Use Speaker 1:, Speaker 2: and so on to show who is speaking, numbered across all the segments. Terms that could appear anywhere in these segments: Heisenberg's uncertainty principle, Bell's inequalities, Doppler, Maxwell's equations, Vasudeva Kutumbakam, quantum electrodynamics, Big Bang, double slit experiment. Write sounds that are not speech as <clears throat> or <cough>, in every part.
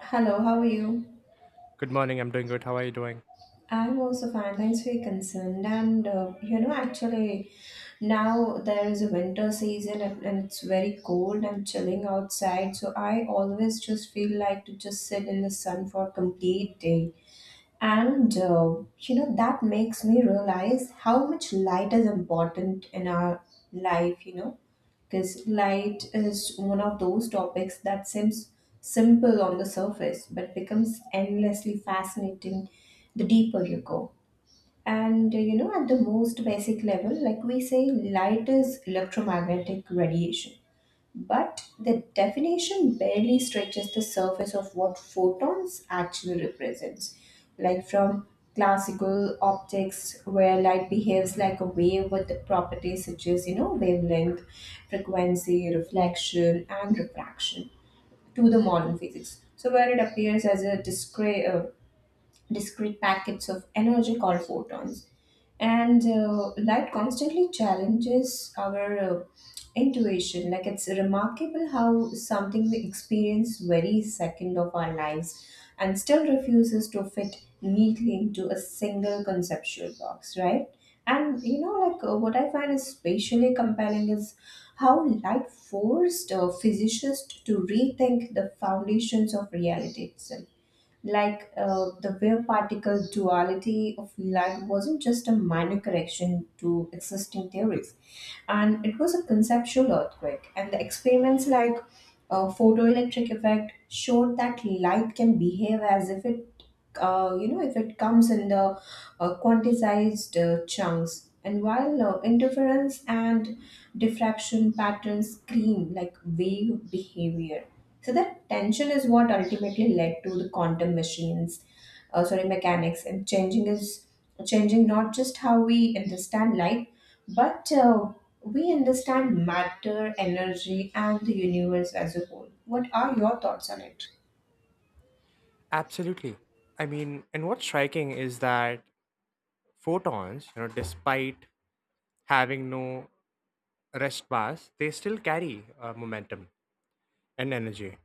Speaker 1: Hello, how are you?
Speaker 2: Good morning. I'm doing good. How are you doing?
Speaker 1: I'm also fine. Thanks for your concern. And you know, actually, Now there is a winter season and it's very cold and chilling outside. So I always just feel like to just sit in the sun for a complete day. And that makes me realize how much light is important in our life, because light is one of those topics that seems simple on the surface but becomes endlessly fascinating the deeper you go. At the most basic level, we say, light is electromagnetic radiation but the definition barely stretches the surface of what photons actually represents. From classical optics, where light behaves like a wave with the properties such as wavelength, frequency, reflection, and refraction, to the modern physics. So, where it appears as a discrete packets of energy called photons. And Light constantly challenges our intuition. Like it's remarkable how something we experience very second of our lives and still refuses to fit neatly into a single conceptual box, right? And you know, like What I find is spatially compelling is how light forced physicists to rethink the foundations of reality itself, like the wave particle duality of light wasn't just a minor correction to existing theories and it was a conceptual earthquake. And the experiments like photoelectric effect showed that light can behave as if it if it comes in the quantized chunks, and while interference and diffraction patterns scream like wave behavior. So that tension is what ultimately led to the quantum machines sorry mechanics, and changing not just how we understand life, but we understand matter, energy and the universe as a whole. What are your thoughts on it?
Speaker 2: Absolutely. I mean, and what's striking is that photons, despite having no rest bars, they still carry momentum and energy.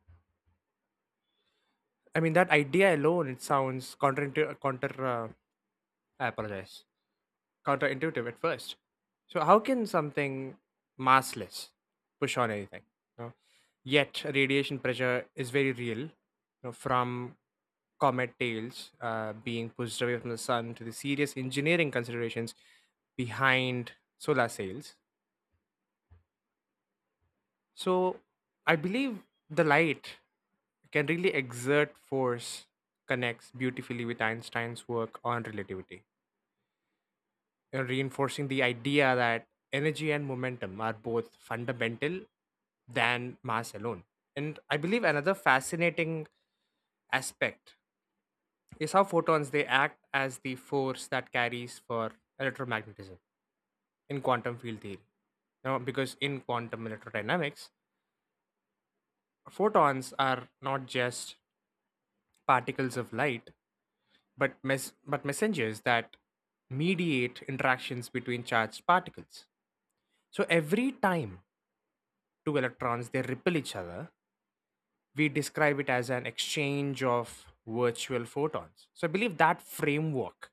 Speaker 2: I mean, that idea alone, it sounds counter, counter I apologize. Counterintuitive at first. So how can something massless push on anything? You know? Yet radiation pressure is very real. You know, from comet tails being pushed away from the sun to the serious engineering considerations behind solar sails. So I believe the light can really exert force connects beautifully with Einstein's work on relativity. Reinforcing the idea that energy and momentum are both fundamental than mass alone. And I believe another fascinating aspect is how photons they act as the force that carries for electromagnetism in quantum field theory. Now, because in quantum electrodynamics, photons are not just particles of light, but messengers that mediate interactions between charged particles. So every time two electrons they repel each other, we describe it as an exchange of virtual photons. So I believe that framework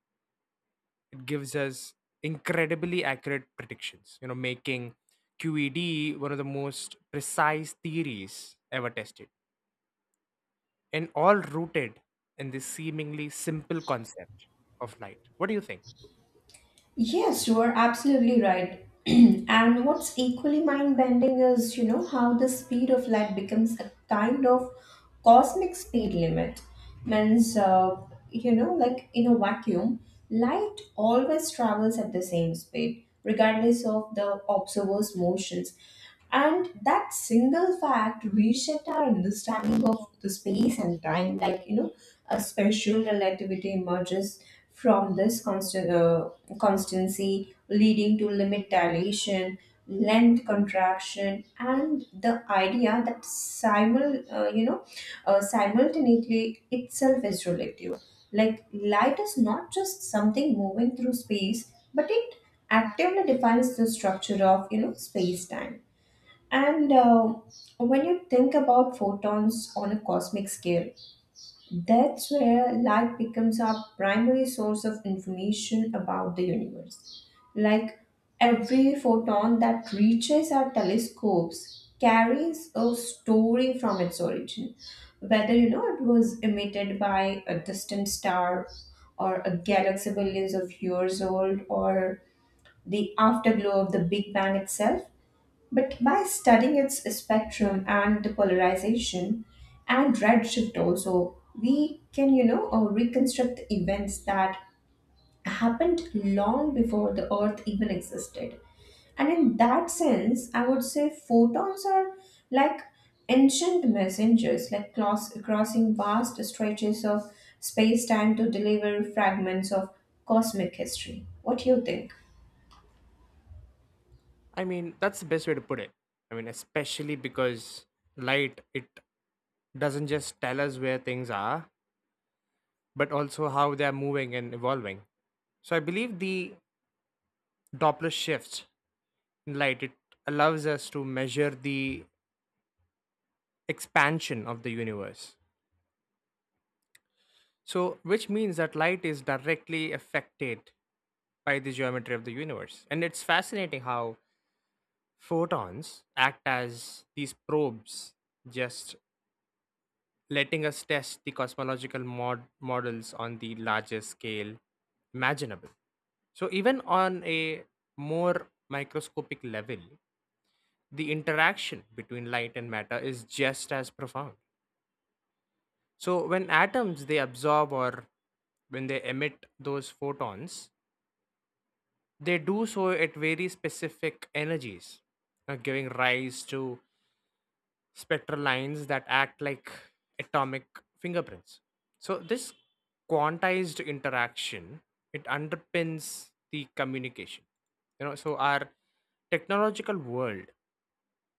Speaker 2: it gives us incredibly accurate predictions, making QED one of the most precise theories ever tested, and all rooted in this seemingly simple concept of light. What do you think?
Speaker 1: Yes, you are absolutely right. <clears throat> And what's equally mind bending is, how the speed of light becomes a kind of cosmic speed limit. Means, like in a vacuum, light always travels at the same speed, regardless of the observer's motions. And that single fact reshaped our understanding of the space and time. A special relativity emerges from this constancy, leading to limit dilation, length contraction, and the idea that simultaneity itself is relative. Like light is not just something moving through space, but it actively defines the structure of space time. And When you think about photons on a cosmic scale, that's where light becomes our primary source of information about the universe. Like every photon that reaches our telescopes carries a story from its origin, whether it was emitted by a distant star or a galaxy billions of years old or the afterglow of the Big Bang itself. But by studying its spectrum and the polarization and redshift also, we can reconstruct the events that happened long before the Earth even existed. And in that sense, I would say photons are like ancient messengers, like crossing vast stretches of space time to deliver fragments of cosmic history. What do you think?
Speaker 2: I mean, that's the best way to put it. I mean, especially because light it doesn't just tell us where things are, but also how they are moving and evolving. So I believe the Doppler shifts in light it allows us to measure the expansion of the universe. So which means that light is directly affected by the geometry of the universe. And it's fascinating how photons act as these probes, just letting us test the cosmological models on the largest scale imaginable. So, even on a more microscopic level, the interaction between light and matter is just as profound. So, when atoms they absorb or when they emit those photons, they do so at very specific energies, giving rise to spectral lines that act like atomic fingerprints. So this quantized interaction it underpins the communication. You know, so our technological world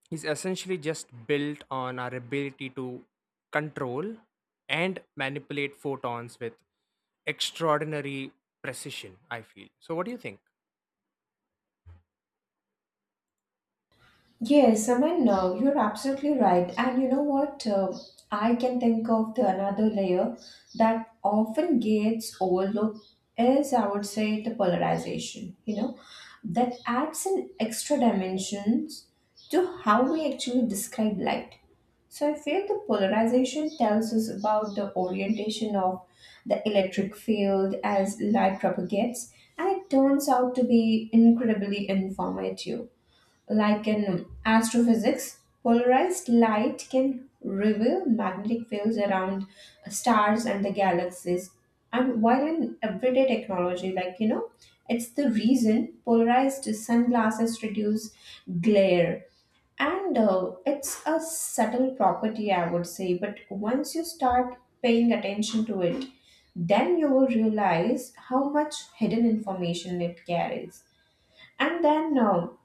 Speaker 2: is essentially just built on our ability to control and manipulate photons with extraordinary precision, I feel. So what do you think?
Speaker 1: Yes, I mean, no, you're absolutely right. And you know what? I can think of the another layer that often gets overlooked is, I would say, the polarization, that adds an extra dimensions to how we actually describe light. So I feel the polarization tells us about the orientation of the electric field as light propagates, and it turns out to be incredibly informative like in astrophysics, polarized light can reveal magnetic fields around stars and the galaxies. And while in everyday technology, it's the reason polarized sunglasses reduce glare. And it's a subtle property, I would say. But once you start paying attention to it, then you will realize how much hidden information it carries. And then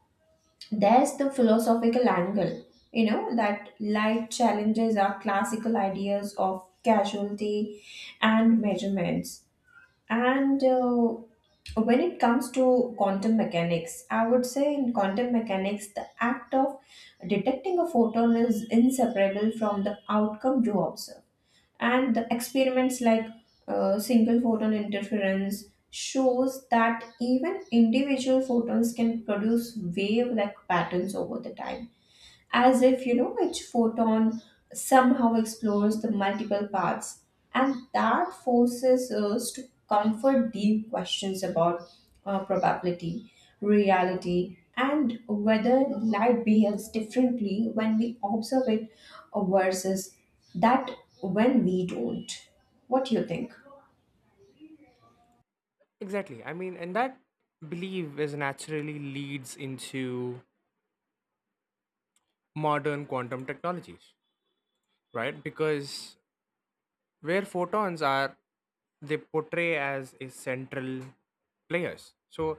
Speaker 1: There's the philosophical angle, that life challenges our classical ideas of casualty and measurements, and when it comes to quantum mechanics, I would say in quantum mechanics the act of detecting a photon is inseparable from the outcome you observe. And the experiments like single photon interference shows that even individual photons can produce wave-like patterns over the time, as if each photon somehow explores the multiple paths. And that forces us to comfort deep questions about probability, reality, and whether light behaves differently when we observe it versus that when we don't. What do you think?
Speaker 2: Exactly. I mean, and that belief is naturally leads into modern quantum technologies. Right? Because where photons are, they portray as a central players. So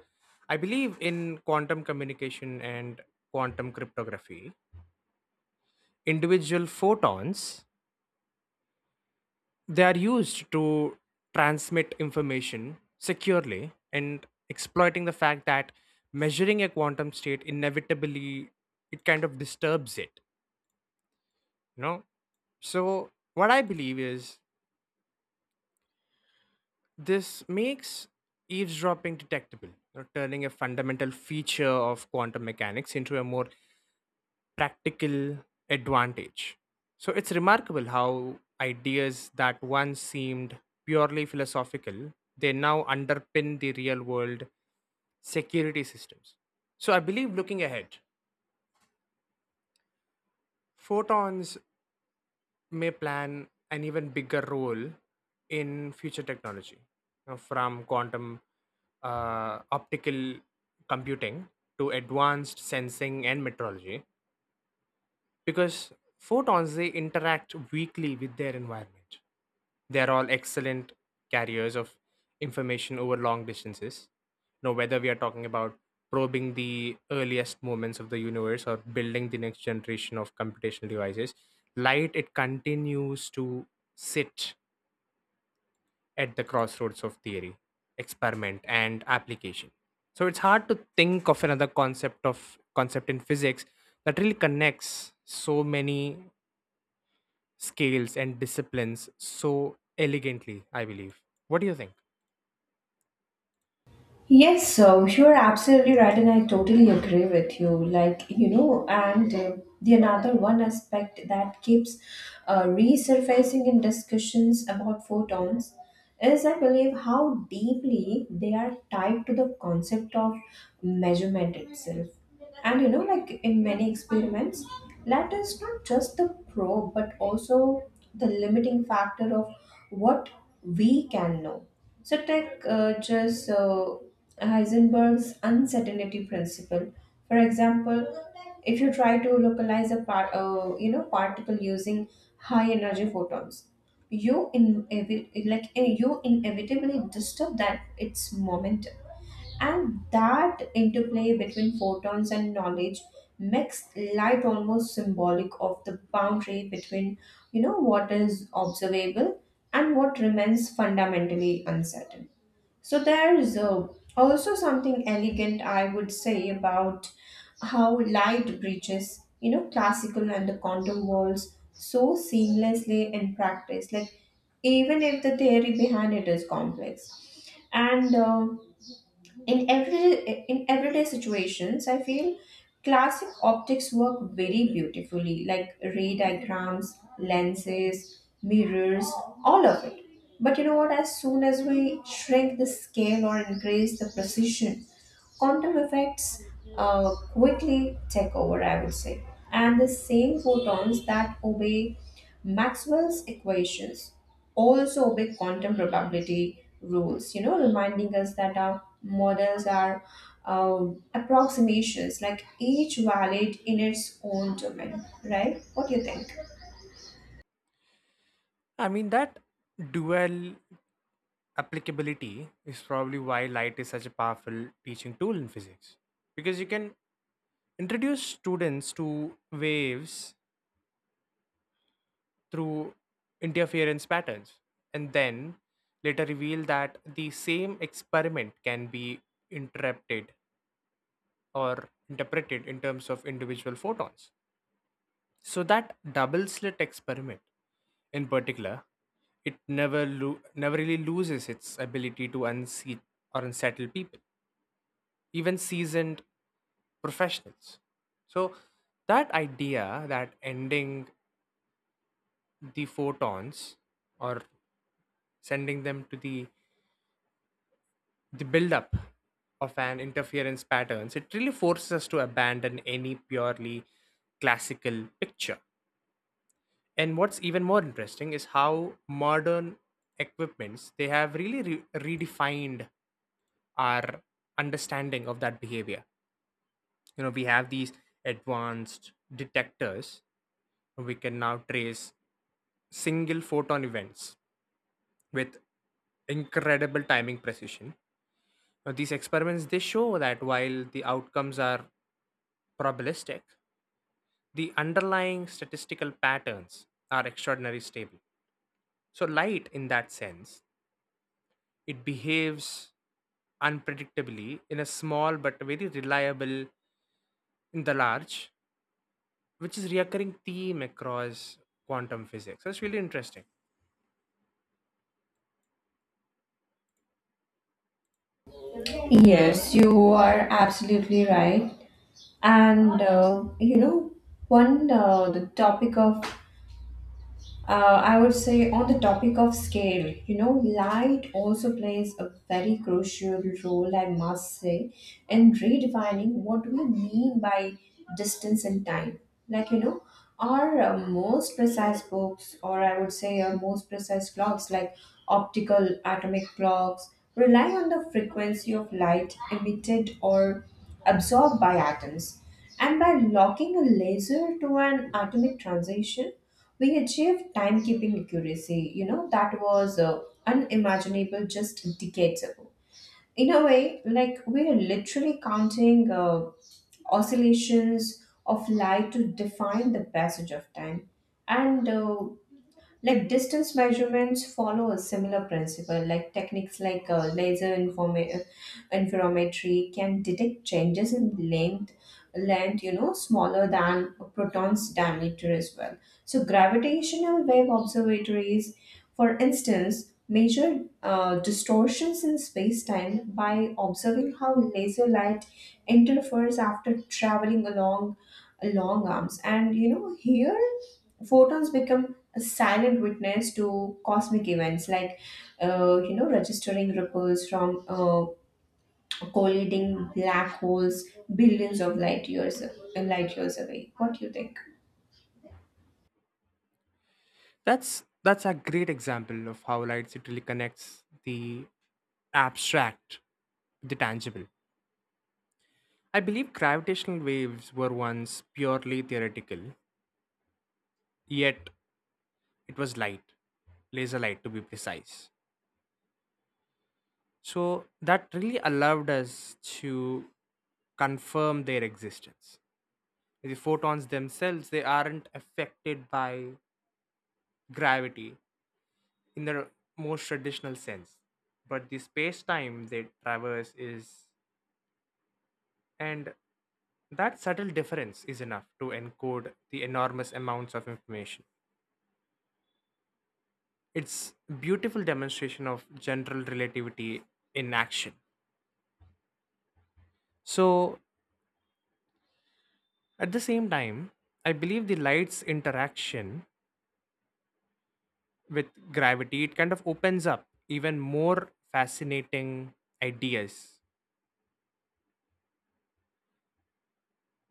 Speaker 2: I believe in quantum communication and quantum cryptography, individual photons they are used to transmit information securely and exploiting the fact that measuring a quantum state inevitably it kind of disturbs it, you know? So what I believe is this makes eavesdropping detectable, you know, turning a fundamental feature of quantum mechanics into a more practical advantage. So it's remarkable how ideas that once seemed purely philosophical, they now underpin the real world security systems. So I believe looking ahead, photons may plan an even bigger role in future technology, you know, from quantum optical computing to advanced sensing and metrology, because photons they interact weakly with their environment, they are all excellent carriers of information over long distances. Now whether we are talking about probing the earliest moments of the universe or building the next generation of computational devices, light it continues to sit at the crossroads of theory, experiment, and application. So it's hard to think of another concept in physics that really connects so many scales and disciplines so elegantly, I believe. What do you think?
Speaker 1: Yes, so you're absolutely right, and I totally agree with you. Like, you know, and The another one aspect that keeps resurfacing in discussions about photons is, I believe, how deeply they are tied to the concept of measurement itself. And you know, like in many experiments, that is not just the probe, but also the limiting factor of what we can know. So, take just Heisenberg's uncertainty principle. For example, if you try to localize a particle using high energy photons, you in like eh, you inevitably disturb that its momentum. And that interplay between photons and knowledge makes light almost symbolic of the boundary between, what is observable and what remains fundamentally uncertain. So there is also something elegant, I would say, about how light breaches, classical and the quantum worlds so seamlessly in practice. Like even if the theory behind it is complex, and in everyday situations I feel classic optics work very beautifully, like ray diagrams, lenses, mirrors, all of it. But you know what, as soon as we shrink the scale or increase the precision, quantum effects quickly take over, I would say. And the same photons that obey Maxwell's equations also big quantum probability rules, reminding us that our models are approximations, like each valid in its own domain, right? What do you think?
Speaker 2: I mean, that dual applicability is probably why light is such a powerful teaching tool in physics. Because you can introduce students to waves through interference patterns, and then later reveal that the same experiment can be interrupted or interpreted in terms of individual photons. So that double slit experiment, in particular, it never really loses its ability to unseat or unsettle people, even seasoned professionals. So that idea that ending the photons or sending them to the buildup of an interference patterns, it really forces us to abandon any purely classical picture. And what's even more interesting is how modern equipments they have really redefined our understanding of that behavior. You know, we have these advanced detectors. We can now trace single photon events with incredible timing precision. Now, these experiments they show that while the outcomes are probabilistic, the underlying statistical patterns are extraordinarily stable. So light in that sense, it behaves unpredictably in a small but very reliable in the large, which is recurring theme across quantum physics. That's really interesting.
Speaker 1: Yes, you are absolutely right. And you know one the topic of I would say on the topic of scale, light also plays a very crucial role, I must say, in redefining what we mean by distance and time. Like, you know, our most precise books, or I would say our most precise clocks, like optical atomic clocks, rely on the frequency of light emitted or absorbed by atoms. And by locking a laser to an atomic transition, we achieved timekeeping accuracy, that was unimaginable just decades ago. In a way, like we are literally counting oscillations of light to define the passage of time. And Like distance measurements follow a similar principle, like techniques like laser interferometry can detect changes in length, smaller than a proton's diameter as well. So gravitational wave observatories, for instance, measure distortions in space-time by observing how laser light interferes after traveling along long arms. And you know, here photons become a silent witness to cosmic events, like registering ripples from colliding black holes billions of light years away. What do you think?
Speaker 2: That's a great example of how light really connects the abstract with the tangible. I believe gravitational waves were once purely theoretical, yet it was light, laser light to be precise. So that really allowed us to confirm their existence. The photons themselves, they aren't affected by gravity in the most traditional sense. But the space time they traverse is, and that subtle difference is enough to encode the enormous amounts of information. It's beautiful demonstration of general relativity in action. So, at the same time, I believe the light's interaction with gravity, it kind of opens up even more fascinating ideas.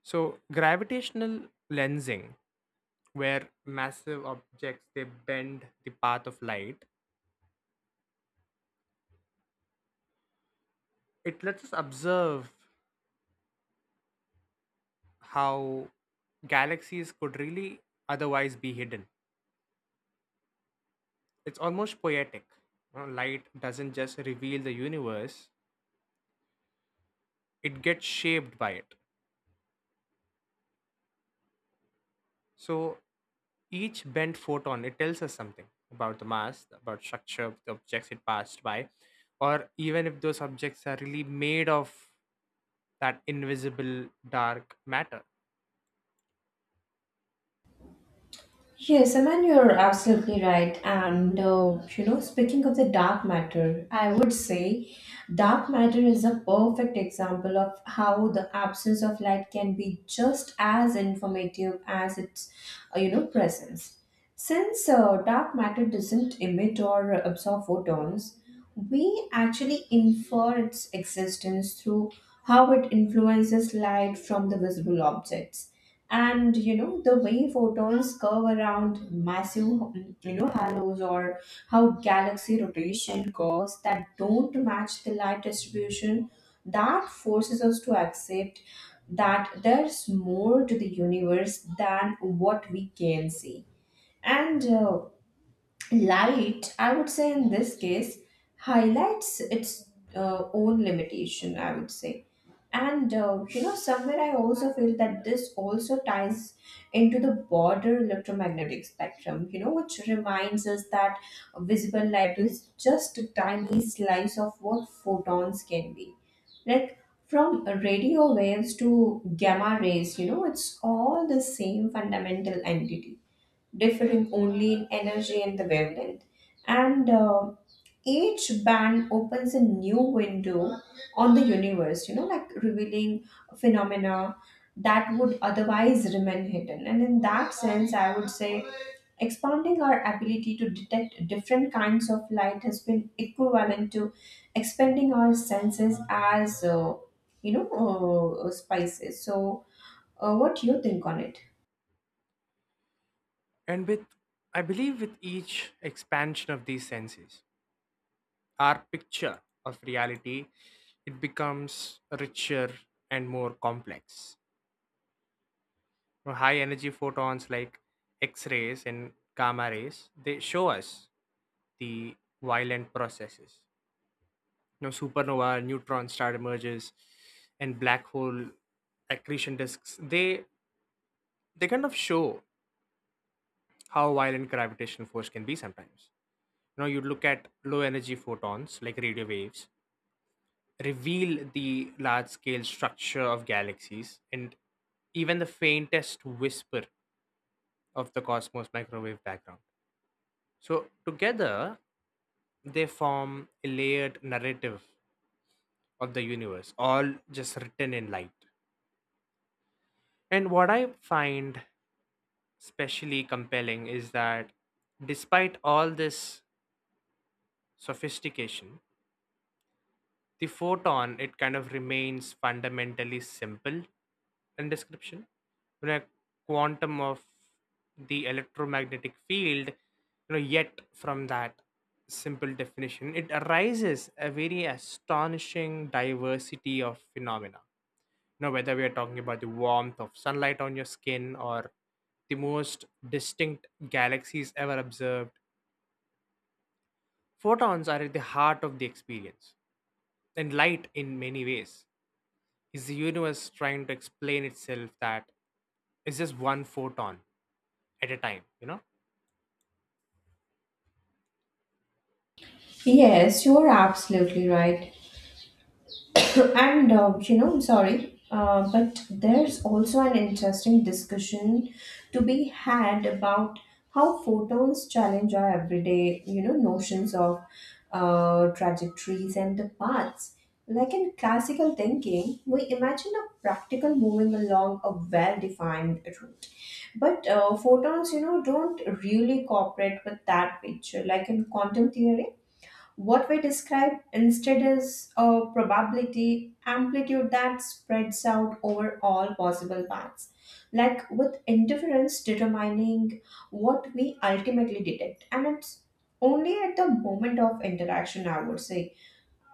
Speaker 2: So, gravitational lensing, where massive objects they bend the path of light, it lets us observe how galaxies could really otherwise be hidden. It's almost poetic. You know, light doesn't just reveal the universe, it gets shaped by it. So each bent photon it tells us something about the mass, about structure of the objects it passed by, or even if those objects are really made of that invisible dark matter.
Speaker 1: Yes, I mean, you're absolutely right. Speaking of the dark matter, I would say dark matter is a perfect example of how the absence of light can be just as informative as its, presence. Since dark matter doesn't emit or absorb photons, we actually infer its existence through how it influences light from the visible objects. And you know, the way photons curve around massive halos, or how galaxy rotation curves that don't match the light distribution, that forces us to accept that there's more to the universe than what we can see. And Light, I would say in this case, highlights its own limitation, I would say. Somewhere I also feel that this also ties into the broader electromagnetic spectrum, which reminds us that visible light is just a tiny slice of what photons can be. Like from radio waves to gamma rays, it's all the same fundamental entity differing only in energy and the wavelength. And Each band opens a new window on the universe, like revealing phenomena that would otherwise remain hidden. And in that sense, I would say expanding our ability to detect different kinds of light has been equivalent to expanding our senses as, spices. So, what do you think on it?
Speaker 2: And with I believe with each expansion of these senses, our picture of reality it becomes richer and more complex. You know, high energy photons like X rays and gamma rays they show us the violent processes. You know, supernova neutron star emerges and black hole accretion disks, they kind of show how violent gravitational force can be sometimes. You know, you look at low energy photons like radio waves reveal the large scale structure of galaxies and even the faintest whisper of the cosmos microwave background. So together they form a layered narrative of the universe, all just written in light. And what I find especially compelling is that despite all this sophistication, the photon it kind of remains fundamentally simple in description. When a quantum of the electromagnetic field, you know, yet from that simple definition, it arises a very astonishing diversity of phenomena. Now, whether we are talking about the warmth of sunlight on your skin or the most distinct galaxies ever observed, photons are at the heart of the experience. And light, in many ways, is the universe trying to explain itself that it's just one photon at a time, you know?
Speaker 1: Yes, you are absolutely right. <coughs> I'm sorry, but there's also an interesting discussion to be had about how photons challenge our everyday, notions of trajectories and the paths. Like in classical thinking, we imagine a practical moving along a well-defined route. But photons, you know, don't really cooperate with that picture. Like in quantum theory, what we describe instead is a probability amplitude that spreads out over all possible paths, like with interference determining what we ultimately detect. And it's only at the moment of interaction, I would say.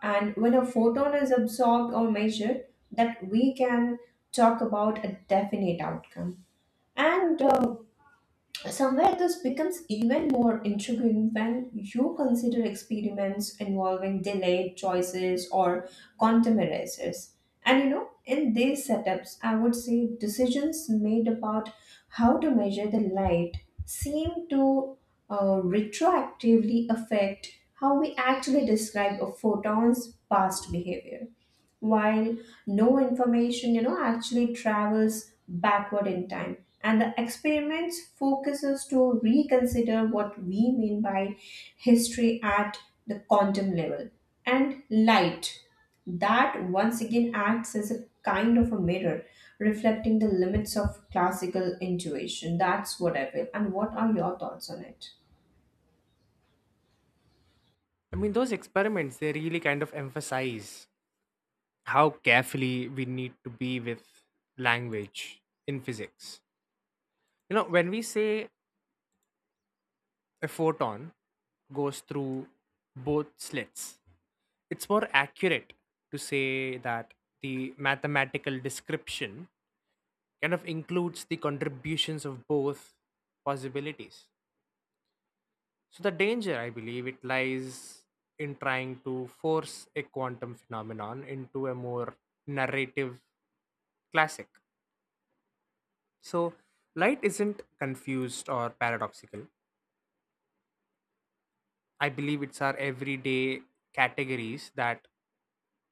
Speaker 1: And when a photon is absorbed or measured, that we can talk about a definite outcome. And Somewhere this becomes even more intriguing when you consider experiments involving delayed choices or quantum erasers. And you know, in these setups, I would say decisions made about how to measure the light seem to retroactively affect how we actually describe a photon's past behavior while no information you know actually travels backward in time, and the experiments focuses to reconsider what we mean by history at the quantum level, and light that once again acts as a kind of a mirror reflecting the limits of classical intuition. That's what I feel. And what are your thoughts on it?
Speaker 2: I mean, those experiments, they really kind of emphasize how carefully we need to be with language in physics. You know, when we say a photon goes through both slits. It's more accurate to say that the mathematical description kind of includes the contributions of both possibilities. So, the danger, I believe, it lies in trying to force a quantum phenomenon into a more narrative classic. So, light isn't confused or paradoxical. I believe it's our everyday categories that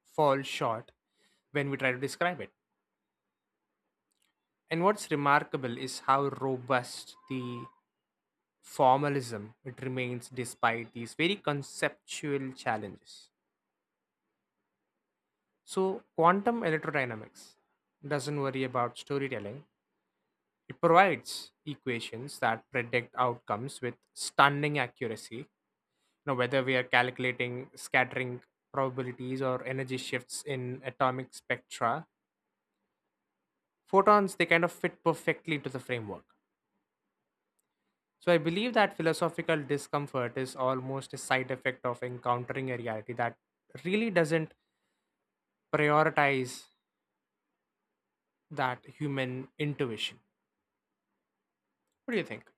Speaker 2: fall short when we try to describe it. And what's remarkable is how robust the formalism it remains despite these very conceptual challenges. So quantum electrodynamics doesn't worry about storytelling. It provides equations that predict outcomes with stunning accuracy. Now, whether we are calculating scattering probabilities or energy shifts in atomic spectra, photons they kind of fit perfectly into the framework. So I believe that philosophical discomfort is almost a side effect of encountering a reality that really doesn't prioritize that human intuition. What do you think?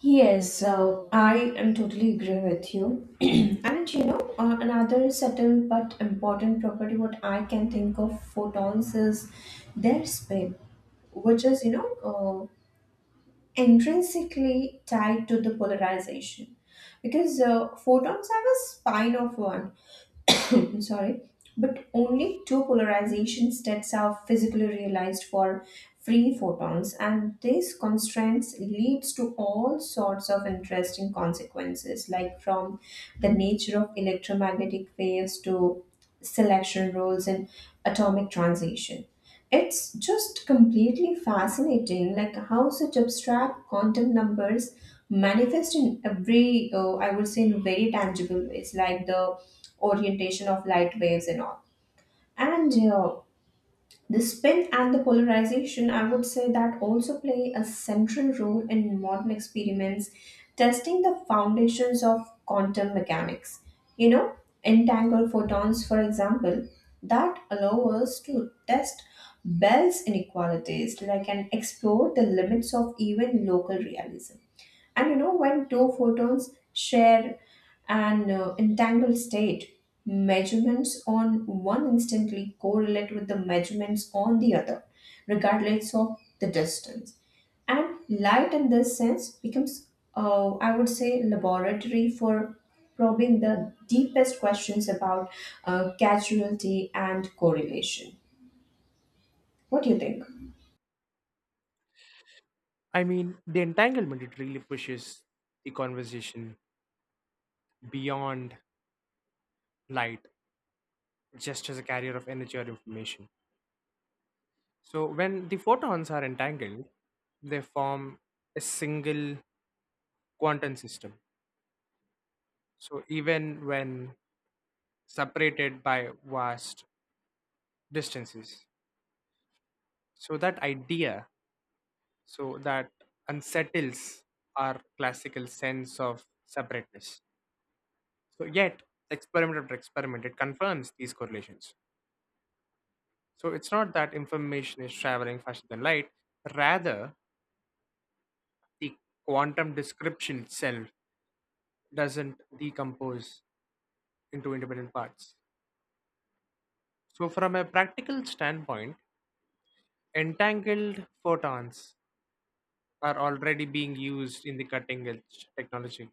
Speaker 1: Yes, I am totally agree with you. <clears throat> And you know, another subtle but important property what I can think of photons is their spin, which is you know intrinsically tied to the polarization, because photons have a spin of one. <clears throat> Sorry, but only two polarization states are physically realized for free photons, and these constraints leads to all sorts of interesting consequences, like from the nature of electromagnetic waves to selection rules and atomic transition. It's just completely fascinating, like how such abstract quantum numbers manifest in every, I would say, in very tangible ways, like the orientation of light waves and all. And the spin and the polarization, I would say, that also play a central role in modern experiments testing the foundations of quantum mechanics. You know, entangled photons, for example, that allow us to test Bell's inequalities, like and explore the limits of even local realism. And you know, when two photons share an entangled state, measurements on one instantly correlate with the measurements on the other, regardless of the distance. And light, in this sense, becomes, I would say, laboratory for probing the deepest questions about causality and correlation. What do you think?
Speaker 2: I mean, the entanglement it really pushes the conversation beyond light just as a carrier of energy or information. So when the photons are entangled, they form a single quantum system. So even when separated by vast distances, so that idea, so that unsettles our classical sense of separateness. So yet, experiment after experiment, it confirms these correlations. So it's not that information is traveling faster than light, rather, the quantum description itself doesn't decompose into independent parts. So, from a practical standpoint, entangled photons are already being used in the cutting edge technology.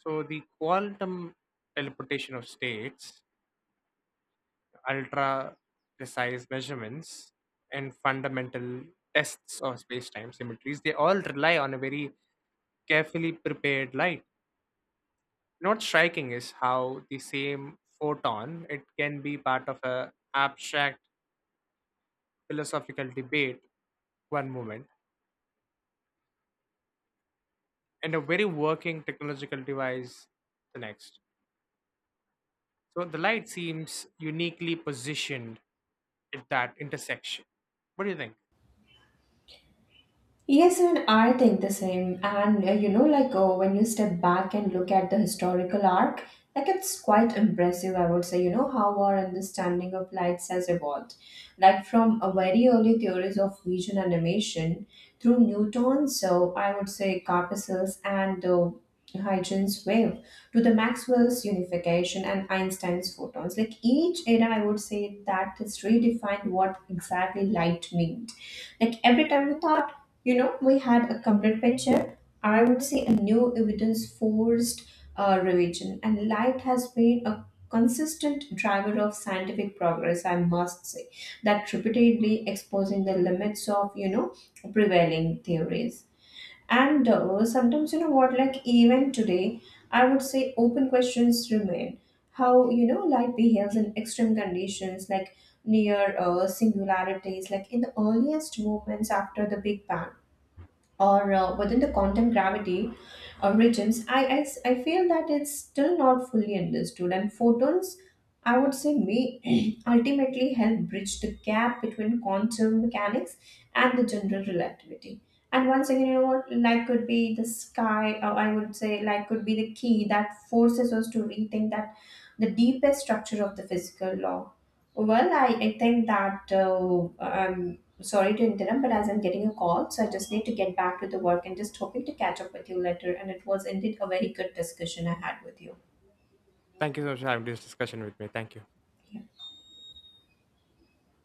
Speaker 2: So the quantum teleportation of states, ultra precise measurements, and fundamental tests of space-time symmetries, they all rely on a very carefully prepared light. Not striking is how the same photon it can be part of a abstract philosophical debate one moment and a very working technological device the next. So the light seems uniquely positioned at that intersection. What do you think?
Speaker 1: Yes, and I think the same. And you know, like when you step back and look at the historical arc, like it's quite impressive, I would say, you know, how our understanding of lights has evolved. Like from a very early theories of vision animation through Newton's, so I would say Carpenter's and Huygens wave to the Maxwell's unification and Einstein's photons. Like each era, I would say that has redefined what exactly light means, like every time we thought, you know, we had a complete picture, I would say a new evidence forced revision. And light has been a consistent driver of scientific progress, I must say, that repeatedly exposing the limits of, you know, prevailing theories. And sometimes, you know what, like even today, I would say open questions remain. How, you know, light behaves in extreme conditions, like near singularities, like in the earliest moments after the Big Bang or within the quantum gravity regions, I feel that it's still not fully understood. And photons, I would say, may <clears throat> ultimately help bridge the gap between quantum mechanics and the general relativity. And once again, you know what, light could be the sky, or I would say, light could be the key that forces us to rethink that the deepest structure of the physical law. Well, I think that sorry to interrupt, but as I'm getting a call, so I just need to get back to the work and just hoping to catch up with you later. And it was indeed a very good discussion I had with you.
Speaker 2: Thank you so much for having this discussion with me. Thank you.
Speaker 1: Yeah.